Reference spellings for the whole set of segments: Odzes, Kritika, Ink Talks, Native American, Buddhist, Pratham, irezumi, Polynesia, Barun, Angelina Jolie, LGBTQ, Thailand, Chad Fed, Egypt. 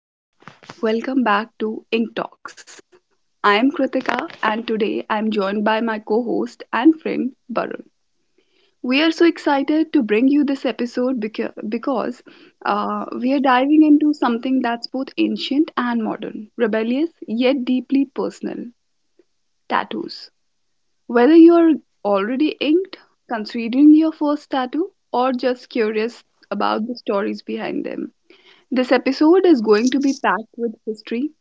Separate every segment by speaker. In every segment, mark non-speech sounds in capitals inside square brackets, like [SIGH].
Speaker 1: and welcome back to Ink Talks. I am Kritika and today I am joined by my co host and friend Barun. We are so excited to bring you this episode because we are diving into something that's both ancient and modern, rebellious yet deeply personal tattoos. Whether you are already inked, considering your first tattoo, or just curious about the stories behind them, this episode is going to be packed with history,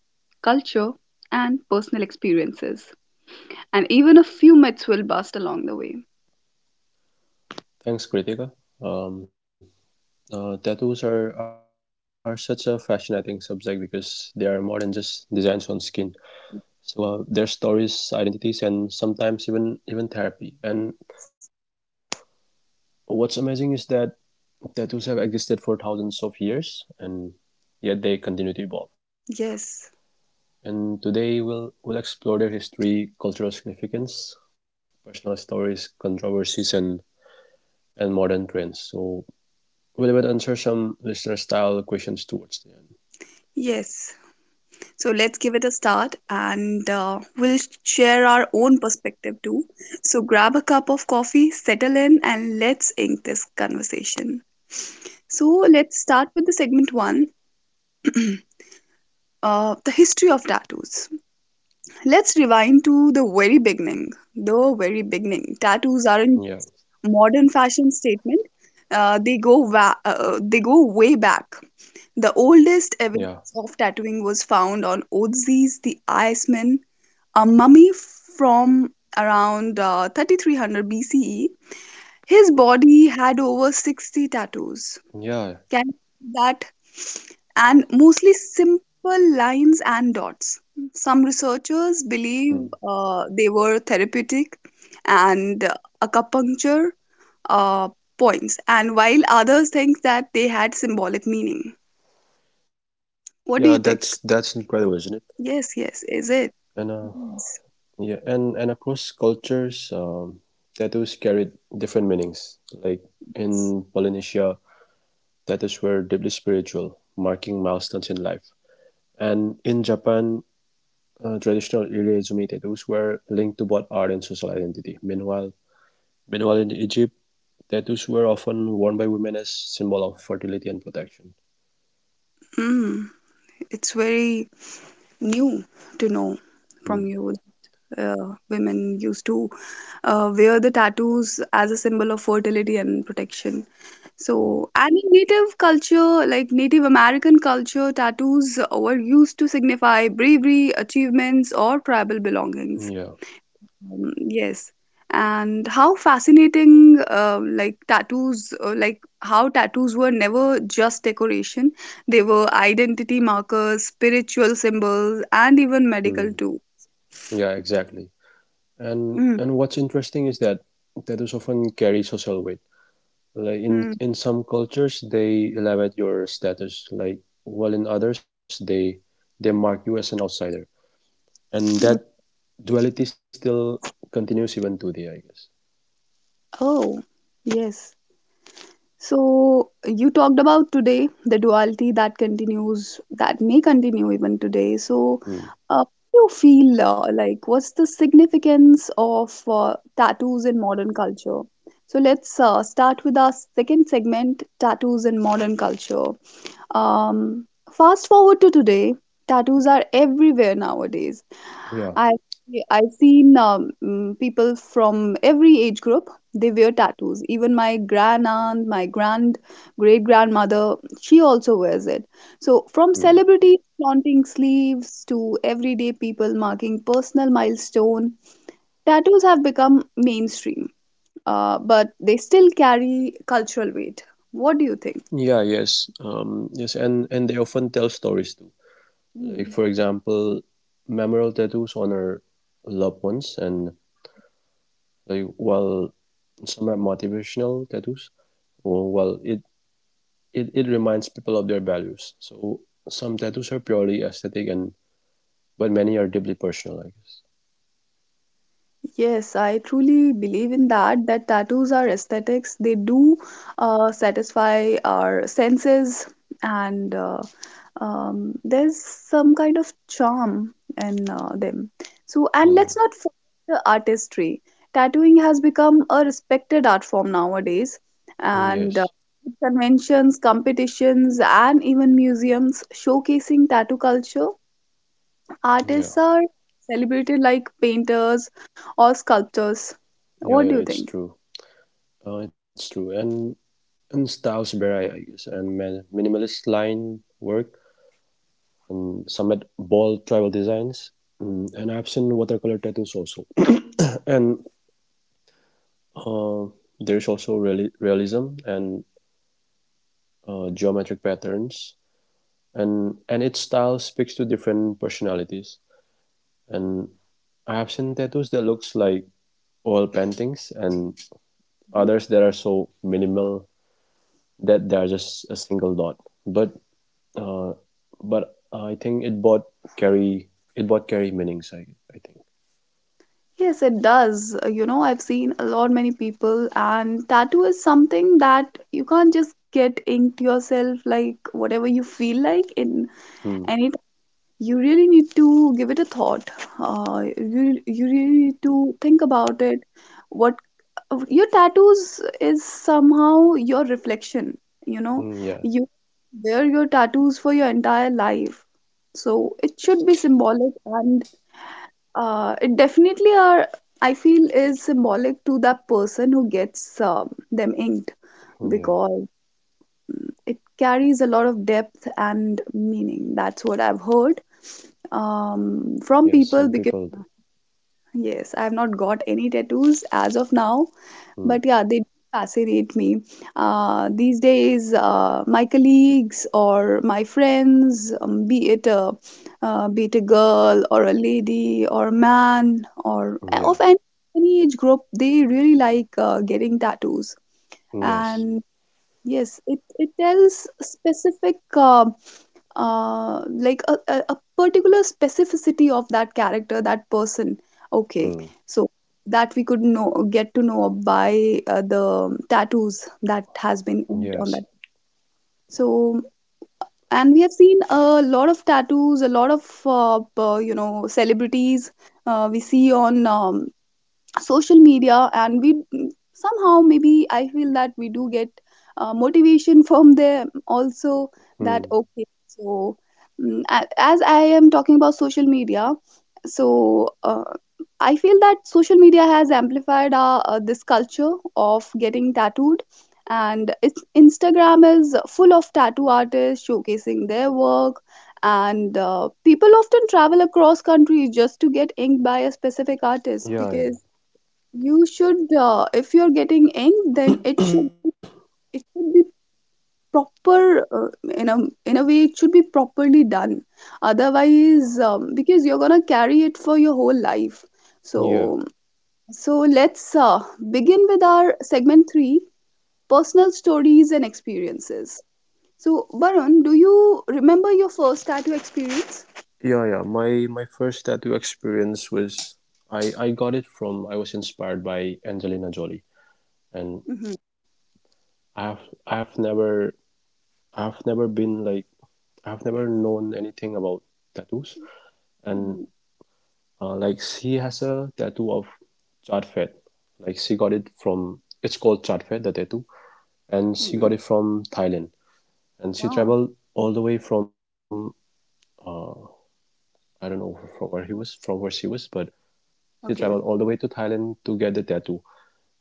Speaker 1: culture, and personal experiences. And even a few myths will bust along the way.
Speaker 2: Thanks, Kritika. Um, tattoos are such a fascinating subject because they are more than just designs on skin. So their stories, identities, and sometimes even therapy. And what's amazing is that tattoos have existed for thousands of years, and yet they continue to evolve.
Speaker 1: Yes,
Speaker 2: And today we'll explore their history, cultural significance, personal stories, controversies, and modern trends. So we'll even answer some listener style questions towards the end.
Speaker 1: yes. So let's give it a start and we'll share our own perspective too. So grab a cup of coffee, settle in, and let's ink this conversation. So let's start with the segment one. [CLEARS THROAT] The history of tattoos. Let's rewind to the very beginning. The very beginning. Tattoos aren't
Speaker 2: Yeah,
Speaker 1: modern fashion statement, they go way back. The oldest evidence of
Speaker 2: yeah,
Speaker 1: tattooing was found on Odzes the Iceman, a mummy from around 3300 BCE. His body had over 60 tattoos. Can you see that,
Speaker 2: yeah,
Speaker 1: and mostly simple lines and dots. Some researchers believe
Speaker 2: mm,
Speaker 1: they were therapeutic and acupuncture uh, points, and while others think that they had symbolic meaning. What do you
Speaker 2: yeah.
Speaker 1: think?
Speaker 2: That's incredible, isn't it?
Speaker 1: Yes, yes, is it?
Speaker 2: And
Speaker 1: Mhm.
Speaker 2: yeah, and across cultures, tattoos carried different meanings. Like in Polynesia, tattoos were deeply spiritual, marking milestones in life. And in Japan, traditional irezumi tattoos were linked to both art and social identity. Meanwhile, in Egypt, tattoos were often worn by women as symbol of fertility and protection.
Speaker 1: Mm, it's very new to know
Speaker 2: Mm,
Speaker 1: from you, women used to wear the tattoos as a symbol of fertility and protection. So,
Speaker 2: mm,
Speaker 1: and in Native culture, like Native American culture, tattoos were used to signify bravery, achievements, or tribal belongings.
Speaker 2: yeah.
Speaker 1: Yes. And how fascinating, like tattoos, like how tattoos were never just decoration. They were identity markers, spiritual symbols, and even medical too.
Speaker 2: Mm. Yeah, exactly.
Speaker 1: Mm,
Speaker 2: And what's interesting is that tattoos often carry social weight. Like
Speaker 1: mm,
Speaker 2: in some cultures, they elevate your status. Like while in others, they mark you as an outsider.
Speaker 1: mm.
Speaker 2: And that duality still continues even today, I guess.
Speaker 1: Oh, yes. So, you talked about today the duality that continues, that may continue even today. So,
Speaker 2: Hmm.
Speaker 1: uh, what do you feel, like, what's the significance of tattoos in modern culture? So, let's start with our second segment, tattoos in modern culture. Um, fast forward to today, tattoos are everywhere nowadays. I
Speaker 2: Yeah.
Speaker 1: I've seen people from every age group. They wear tattoos. Even my grand aunt, my grand great grandmother, she also wears it. So from
Speaker 2: Hmm.
Speaker 1: celebrities flaunting sleeves to everyday people marking personal milestone, tattoos have become mainstream. But they still carry cultural weight. What do you think?
Speaker 2: Yeah. Yes. And they often tell stories too. Like
Speaker 1: Hmm.
Speaker 2: for example, memorial tattoos honor loved ones, and while some are motivational tattoos well, it reminds people of their values. So some tattoos are purely aesthetic, and but many are deeply personal, I guess.
Speaker 1: Yes, I truly believe in that, that tattoos are aesthetics. They do satisfy our senses, and there's some kind of charm in them. So, and let's not
Speaker 2: Hmm.
Speaker 1: forget the artistry. Tattooing has become a respected art form nowadays, and
Speaker 2: Yes.
Speaker 1: conventions, competitions, and even museums showcasing tattoo culture. Artists are
Speaker 2: Yeah.
Speaker 1: celebrated like painters or sculptors. What do you
Speaker 2: Yeah.
Speaker 1: think?
Speaker 2: Yeah. It's true. It's true. And styles vary, I guess. And man, minimalist line work, and some had bold tribal designs, mm, and I've seen watercolor tattoos also. [CLEARS THROAT] And uh, there's also realism and geometric patterns and its style speaks to different personalities. And I have seen tattoos that looks like oil paintings, and
Speaker 1: Mhm.
Speaker 2: others that are so minimal that they are just a single dot. But uh, but I think carry it both carry meanings, I think.
Speaker 1: Yes, it does. You know, I've seen a lot many people, and tattoo is something that you can't just get inked yourself like whatever you feel like, in
Speaker 2: Hmm.
Speaker 1: any, you really need to give it a thought. You really need to think about it. What, your tattoos is somehow your reflection. You know,
Speaker 2: Hmm, yeah.
Speaker 1: you wear your tattoos for your entire life, so it should be symbolic, and it definitely are. I feel is symbolic to that person who gets them inked
Speaker 2: Yeah.
Speaker 1: because it carries a lot of depth and meaning. That's what I've heard from
Speaker 2: Yeah.
Speaker 1: people
Speaker 2: Some
Speaker 1: because,
Speaker 2: people do.
Speaker 1: yes, I've not got any tattoos as of now,
Speaker 2: Hmm.
Speaker 1: but yeah, they fascinate me. These days, my colleagues or my friends, be it a girl or a lady or a man, or
Speaker 2: Yeah.
Speaker 1: of any age group, they really like getting tattoos.
Speaker 2: Yes.
Speaker 1: And yes, it tells specific, like a particular specificity of that character, that person. Okay,
Speaker 2: Hmm.
Speaker 1: so that we could know, get to know by the tattoos that has been inked on that.
Speaker 2: Yes.
Speaker 1: So, and we have seen a lot of tattoos, a lot of celebrities. We see on social media, and we somehow maybe I feel that we do get motivation [LAUGHS] from them also, that
Speaker 2: Hmm.
Speaker 1: okay, so, as I am talking about social media, so I feel that social media has amplified our, this culture of getting tattooed, and it's, Instagram is full of tattoo artists showcasing their work, and people often travel across countries just to get inked by a specific artist
Speaker 2: Yeah. Yeah.
Speaker 1: because you should, if you're getting ink, then it should be proper, in a in a way it should be properly done. Otherwise, because you're gonna carry it for your whole life.
Speaker 2: Yeah.
Speaker 1: So, let's begin with our segment three, personal stories and experiences. So, Varun, do you remember your first tattoo experience?
Speaker 2: Yeah, yeah. My first tattoo experience was I got it from I was inspired by Angelina Jolie, and
Speaker 1: Mm-hmm.
Speaker 2: I've I've never I've never been like I've never known anything about tattoos, and
Speaker 1: Hmm.
Speaker 2: like she has a tattoo of Chad Fed. Like she got it from, it's called Chad Fed, the tattoo, and she
Speaker 1: Hmm.
Speaker 2: got it from Thailand, and she
Speaker 1: Ah,
Speaker 2: traveled all the way from uh, I don't know from where he was from where she was, but she traveled
Speaker 1: okay.
Speaker 2: all the way to Thailand to get the tattoo.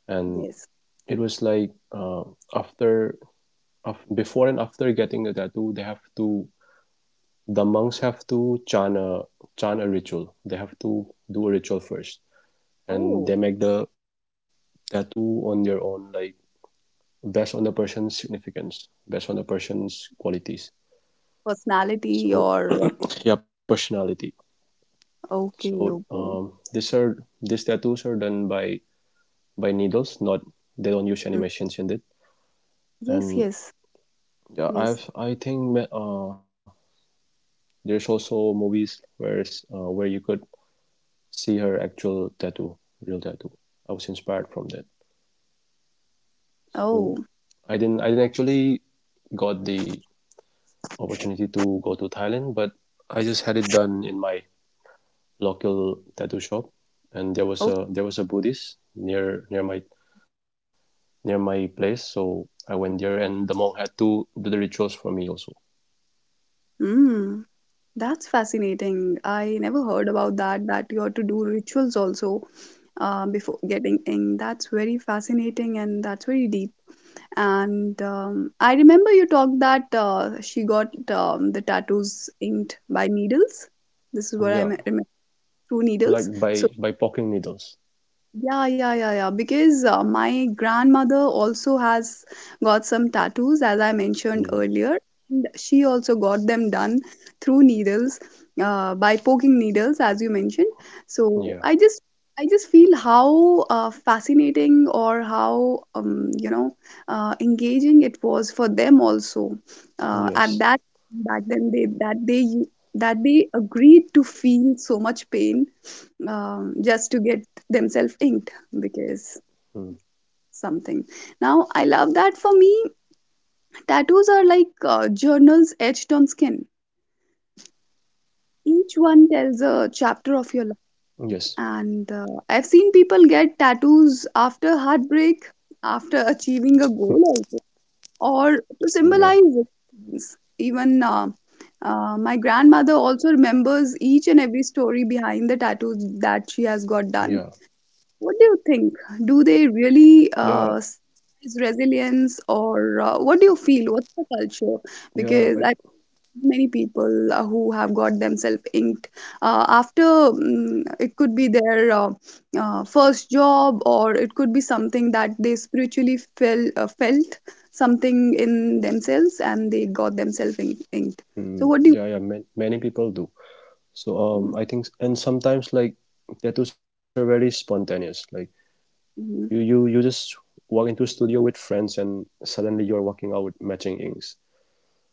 Speaker 2: And
Speaker 1: Yes.
Speaker 2: it was like after of before and after getting the tattoo they have to, the monks have to chant a ritual, they have to do a ritual first. And
Speaker 1: Oh,
Speaker 2: they make the tattoo on their own, like based on the person's significance, based on the person's qualities. So
Speaker 1: personality or,
Speaker 2: yeah, personality. So
Speaker 1: okay, okay.
Speaker 2: these are, these tattoos are done by needles, not, they don't use any machines in it.
Speaker 1: Yes,
Speaker 2: And
Speaker 1: yes,
Speaker 2: yeah,
Speaker 1: yes.
Speaker 2: I think there's also movies where you could see her actual tattoo, real tattoo. I was inspired from that.
Speaker 1: Oh,
Speaker 2: So I didn't actually got the opportunity to go to Thailand, but I just had it done in my local tattoo shop. And there was
Speaker 1: oh.
Speaker 2: a Buddhist near my place, so I went there, and the monk had to do the rituals for me also.
Speaker 1: Mm, that's fascinating. I never heard about that, that you have to do rituals also before getting in. That's very fascinating and that's very deep. And I remember you talked that she got the tattoos inked by needles. This is what I
Speaker 2: Yeah,
Speaker 1: remember, through
Speaker 2: like
Speaker 1: needles.
Speaker 2: by
Speaker 1: So.
Speaker 2: poking needles.
Speaker 1: Yeah, yeah, yeah, yeah. Because my grandmother also has got some tattoos, as I mentioned
Speaker 2: Mm.
Speaker 1: earlier. And she also got them done through needles, by poking needles, as you mentioned. So
Speaker 2: Yeah.
Speaker 1: I just feel how fascinating or how, engaging it was for them also. At
Speaker 2: Yes.
Speaker 1: that back then, they agreed to feel so much pain, just to get themselves inked because
Speaker 2: Mm.
Speaker 1: something. Now, I love that for me, tattoos are like journals etched on skin. Each one tells a chapter of
Speaker 2: Yes.
Speaker 1: your life. And I've seen people get tattoos after heartbreak, after [LAUGHS] achieving a goal, also, or to
Speaker 2: Yeah,
Speaker 1: symbolize things. Even my grandmother also remembers each and every story behind the tattoos that she has got done.
Speaker 2: yeah,
Speaker 1: What do you think? Do they really
Speaker 2: yeah,
Speaker 1: is resilience, or what do you feel? What's the culture?
Speaker 2: yeah.
Speaker 1: Because I, many people who have got themselves inked, after mm it could be their first job, or it could be something that they spiritually felt something in themselves, and they got themselves inked. So, what do you?
Speaker 2: Yeah, yeah. Man, many people do. So I think, and sometimes like tattoos are very spontaneous. Like you,
Speaker 1: Mm-hmm.
Speaker 2: you, you just walk into a studio with friends, and suddenly you're walking out with matching inks,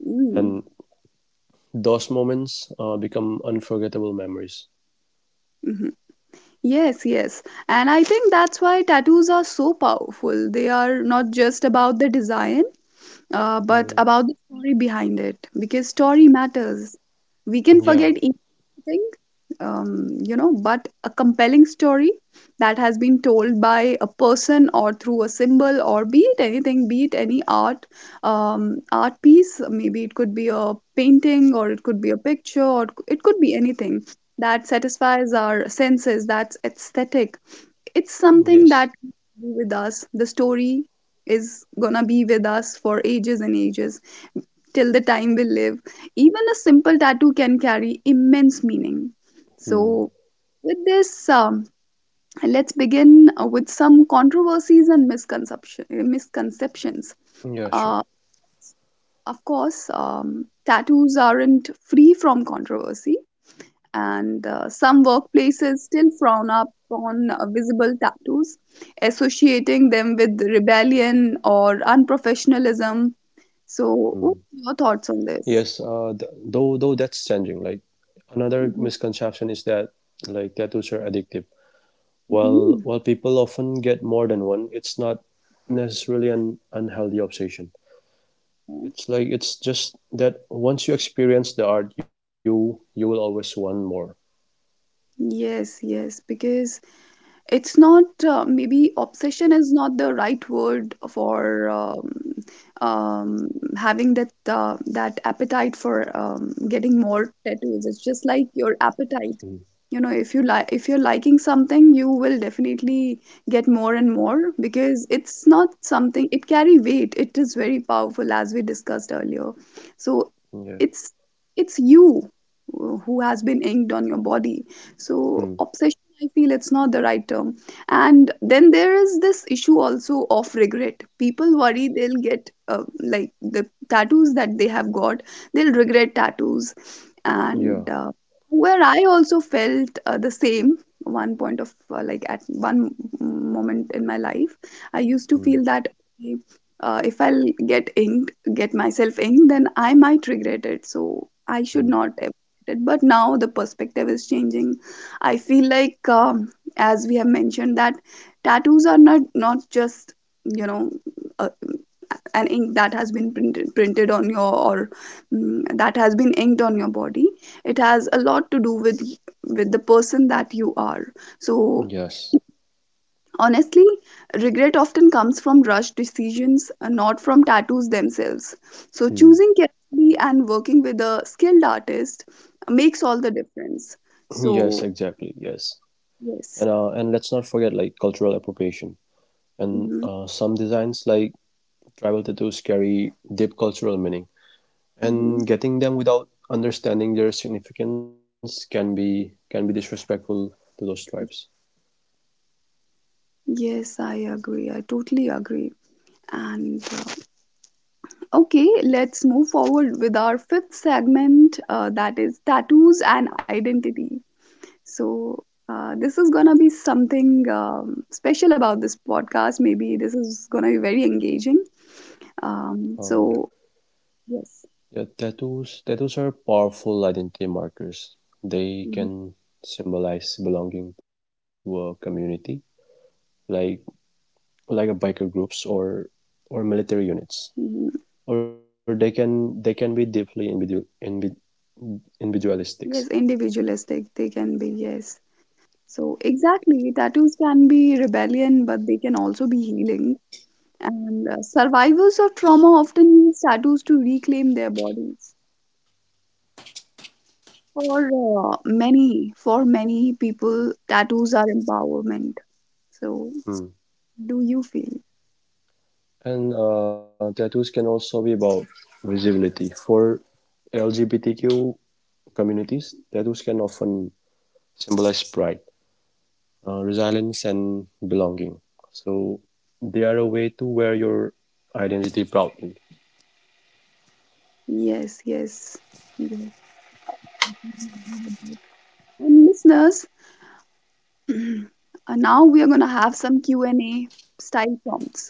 Speaker 1: Mm-hmm.
Speaker 2: and those moments become unforgettable memories.
Speaker 1: Mm-hmm. Yes, yes. And I think that's why tattoos are so powerful. They are not just about the design, but
Speaker 2: Mm,
Speaker 1: about the story behind it, because story matters. We can
Speaker 2: yeah.
Speaker 1: forget think, but a compelling story that has been told by a person or through a symbol, or be it anything, be it any art, art piece, maybe it could be a painting, or it could be a picture, or it could be anything that satisfies our senses, that's aesthetic, it's something that
Speaker 2: Yes.
Speaker 1: will be with us. The story is gonna be with us for ages and ages till the time we live. Even a simple tattoo can carry immense meaning.
Speaker 2: Hmm.
Speaker 1: So, with this, let's begin with some controversies and misconception, misconceptions.
Speaker 2: Yeah. Sure.
Speaker 1: Uh, of course, tattoos aren't free from controversy, and some workplaces still frown upon visible tattoos, associating them with rebellion or unprofessionalism.
Speaker 2: Hmm.
Speaker 1: So, what are your thoughts on this?
Speaker 2: Though that's changing. Like another
Speaker 1: Hmm.
Speaker 2: misconception is that like tattoos are addictive. While
Speaker 1: Hmm.
Speaker 2: while people often get more than one, it's not necessarily an unhealthy obsession. It's just that once you experience the art, you will always want more.
Speaker 1: Yes, yes, because it's not, maybe obsession is not the right word for, um, having that appetite for getting more tattoos. It's just like your
Speaker 2: Mm.
Speaker 1: appetite, you know, if you're liking something, you will definitely get more and more, because it's not something, it carry weight, it is very powerful, as we discussed earlier. So
Speaker 2: Yeah.
Speaker 1: it's it's you who has been inked on your body, so
Speaker 2: Mm.
Speaker 1: obsession, I feel, it's not the right term. And then there is this issue also of regret. People worry they'll get, like, the tattoos that they have got, they'll regret tattoos. And
Speaker 2: Yeah.
Speaker 1: where I also felt the same one point of like, at one moment in my life, I used to
Speaker 2: Mm.
Speaker 1: feel that okay, if I'll get inked, get myself inked, then I might regret it. So I should
Speaker 2: Mm.
Speaker 1: not have regret it. But now the perspective is changing. I feel like, as we have mentioned, that tattoos are not just, you know, uh, an ink that has been printed on your, or mm, that has been inked on your body. It has a lot to do with the person that you are. So
Speaker 2: Yes.
Speaker 1: honestly, regret often comes from rushed decisions, not from tattoos themselves. So
Speaker 2: Mm.
Speaker 1: choosing carefully and working with a skilled artist makes all the difference.
Speaker 2: Yes.
Speaker 1: So,
Speaker 2: Exactly. Yes. And uh,
Speaker 1: yes.
Speaker 2: and let's not forget, like, cultural appropriation and
Speaker 1: Mhm.
Speaker 2: some designs like tribal tattoos carry deep cultural meaning.
Speaker 1: Mhm.
Speaker 2: And getting them without understanding their significance can be disrespectful to those tribes.
Speaker 1: Yes, I agree. I totally agree. And okay, let's move forward with our fifth segment, that is tattoos and identity. So, this is gonna be something special about this podcast. Maybe this is gonna be very engaging. Um,
Speaker 2: Um,
Speaker 1: so, yes.
Speaker 2: yeah, tattoos are powerful identity markers. They
Speaker 1: Mhm.
Speaker 2: can symbolize belonging to a community, like a biker groups or military units,
Speaker 1: Mhm.
Speaker 2: or they can be deeply individualistic.
Speaker 1: Yes, individualistic they can be, yes. So, exactly, tattoos can be rebellion, but they can also be healing, and survivors of trauma often use tattoos to reclaim their bodies. For many people, tattoos are empowerment. So
Speaker 2: Hmm.
Speaker 1: do you feel?
Speaker 2: And Tattoos can also be about visibility for LGBTQ communities. Tattoos can often symbolize pride, resilience, and belonging. So they are a way to wear your identity proudly.
Speaker 1: Yes, yes, yes. And listeners, [CLEARS THROAT] now we are going to have some Q&A style prompts.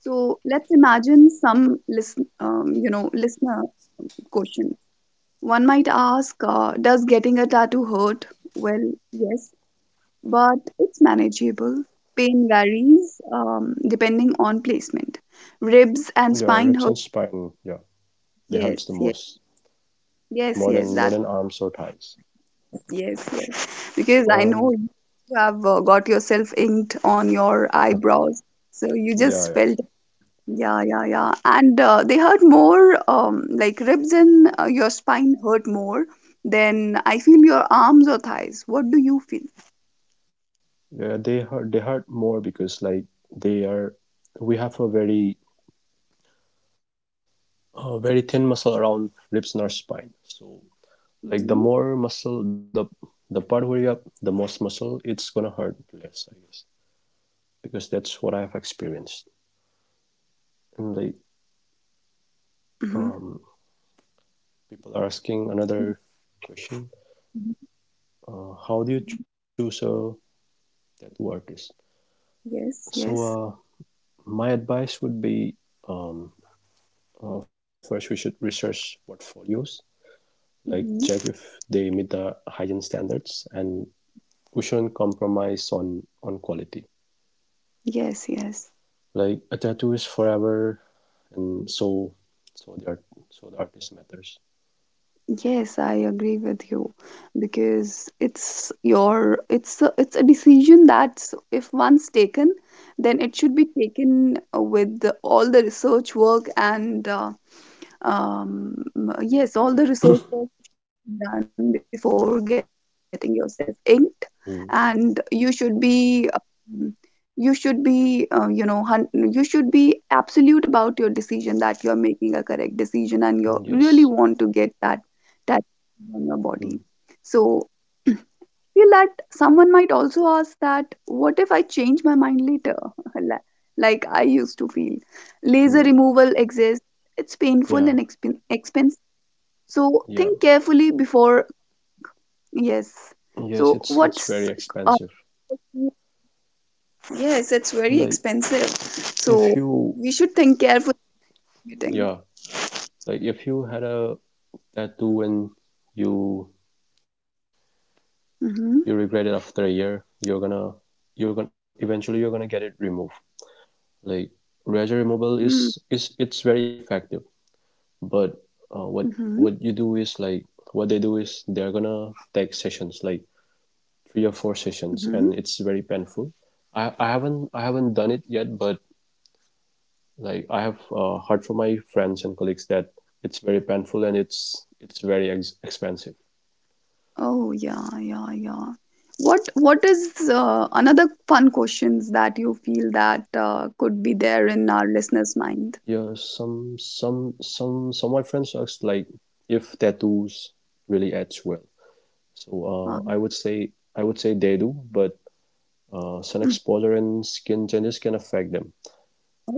Speaker 1: So let's imagine some, listener questions. One might ask, does getting a tattoo hurt? Well, yes, but it's manageable. Pain varies, depending on placement. Ribs and
Speaker 2: Yeah,
Speaker 1: spine
Speaker 2: ribs
Speaker 1: hurt.
Speaker 2: and spine. Yeah, they
Speaker 1: Yes,
Speaker 2: hurts the
Speaker 1: yes,
Speaker 2: most,
Speaker 1: yes,
Speaker 2: more
Speaker 1: yes.
Speaker 2: than
Speaker 1: That's,
Speaker 2: arms or thighs.
Speaker 1: yes, yes. Because
Speaker 2: So
Speaker 1: I know you have, got yourself inked on your eyebrows, so you
Speaker 2: yeah,
Speaker 1: just
Speaker 2: yeah,
Speaker 1: felt, yeah, yeah, yeah. And they hurt more. Like ribs and, your spine hurt more than, I feel, your arms or thighs. What do you feel?
Speaker 2: yeah, they hurt. They hurt more because like they are, we have a very thin muscle around ribs in our spine. So like the
Speaker 1: Hmm.
Speaker 2: more muscle, the part where you have the most muscle, it's gonna hurt less, I guess, because that's
Speaker 1: Yes,
Speaker 2: what I have
Speaker 1: yes.
Speaker 2: experienced. And like
Speaker 1: Hmm.
Speaker 2: um, people are asking another question: how do you choose a tattoo artist?
Speaker 1: Yes,
Speaker 2: So
Speaker 1: yes.
Speaker 2: my advice would be, um, first we should research portfolios, like check
Speaker 1: Hmm.
Speaker 2: if they meet the hygiene standards, and we shouldn't compromise on quality.
Speaker 1: Yes, yes.
Speaker 2: Like a tattoo is forever, and so so the art so the artist matters.
Speaker 1: Yes, I agree with you because it's a decision that's, if once taken, then it should be taken with the, all the research work, and um, yes, all the research that should be done before getting yourself inked, and you
Speaker 2: Mm.
Speaker 1: should be, you should be absolute about your decision, that you're making a correct decision, and
Speaker 2: Mm,
Speaker 1: you
Speaker 2: yes.
Speaker 1: really want to get that on your body.
Speaker 2: Mm.
Speaker 1: So [CLEARS THROAT] feel that someone might also ask, that what if I change my mind later, [LAUGHS] Li- like I used to feel.
Speaker 2: Mm.
Speaker 1: Laser removal exists. It's
Speaker 2: Yeah.
Speaker 1: painful and exp- so
Speaker 2: Yeah,
Speaker 1: think carefully before. Yes.
Speaker 2: yes,
Speaker 1: So
Speaker 2: it's
Speaker 1: what's,
Speaker 2: very
Speaker 1: uh,
Speaker 2: expensive.
Speaker 1: yes, it's very
Speaker 2: Like
Speaker 1: expensive. So
Speaker 2: if you
Speaker 1: we should think carefully. Meeting.
Speaker 2: Yeah, like if you had a tattoo and you you
Speaker 1: Mm-hmm.
Speaker 2: regret it after a year, you're gonna, eventually you're gonna get it removed. Like razor removal
Speaker 1: Mm.
Speaker 2: is it's very effective, but uh, what what
Speaker 1: Mm-hmm.
Speaker 2: you do is, like, what they do is they're gonna take sessions like three or four sessions, and
Speaker 1: Mm-hmm.
Speaker 2: it's very painful. I haven't done it yet, but like I have heard from my friends and colleagues that it's very painful and it's very expensive.
Speaker 1: Oh yeah, yeah, yeah. What is, another fun questions that you feel that could be there in our listeners'
Speaker 2: Yeah,
Speaker 1: mind?
Speaker 2: some of my friends asked like if tattoos really edge well. So
Speaker 1: Uh,
Speaker 2: I would say they do, but sun exposure
Speaker 1: mm.
Speaker 2: and skin changes can affect them,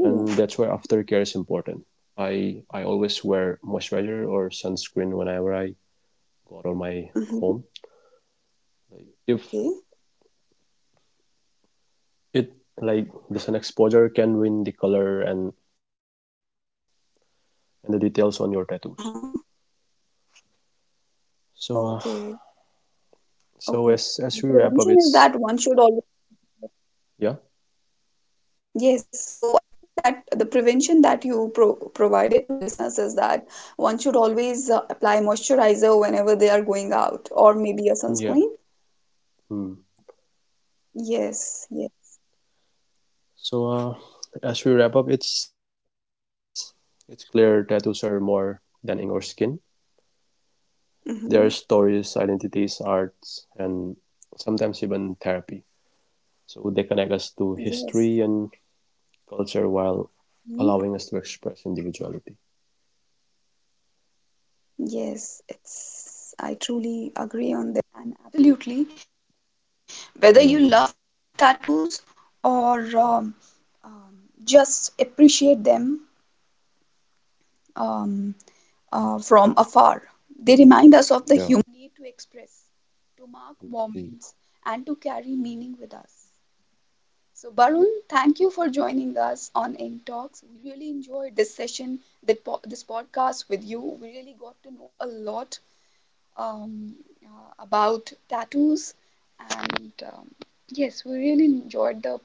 Speaker 2: and that's where
Speaker 1: Oh.
Speaker 2: aftercare is important. I always wear moisturizer or sunscreen whenever I go out of my home.
Speaker 1: Mm-hmm.
Speaker 2: Like if
Speaker 1: Okay.
Speaker 2: it Like the sun exposure can ruin the color and the details on your tattoos.
Speaker 1: Uh-huh.
Speaker 2: So
Speaker 1: Okay. Okay. The
Speaker 2: as we
Speaker 1: prevention is
Speaker 2: wrap up,
Speaker 1: that one
Speaker 2: it's
Speaker 1: should always.
Speaker 2: yeah
Speaker 1: Yes, so I think that the prevention that you provided to our listeners is that one should always apply moisturizer whenever they are going out, or maybe a
Speaker 2: yeah.
Speaker 1: sunscreen.
Speaker 2: Hmm.
Speaker 1: Yes, yes,
Speaker 2: So as we wrap up, it's clear tattoos are more than ink or skin. There are stories,
Speaker 1: mm-hmm.
Speaker 2: identities, arts, and sometimes even therapy. So they connect us to history
Speaker 1: Yes,
Speaker 2: and culture while allowing us
Speaker 1: mhm.
Speaker 2: to express individuality.
Speaker 1: Yes, it's. I truly agree on this, and absolutely, whether
Speaker 2: Yeah,
Speaker 1: you love tattoos or, um, just appreciate them, um, from afar. They remind us of the human need
Speaker 2: yeah.
Speaker 1: to express, to mark moments,
Speaker 2: Mm.
Speaker 1: and to carry meaning with us. So, Barun, thank you for joining us on Ink Talks. We really enjoyed this session, that this podcast with you. We really got to know a lot, um, about tattoos, and yes, we really enjoyed the podcast.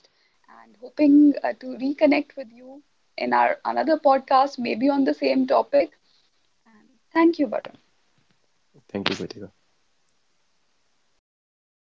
Speaker 1: And hoping to reconnect with you in our another podcast, maybe on the same topic. And thank you, Barun.
Speaker 2: Thank you, Kritika.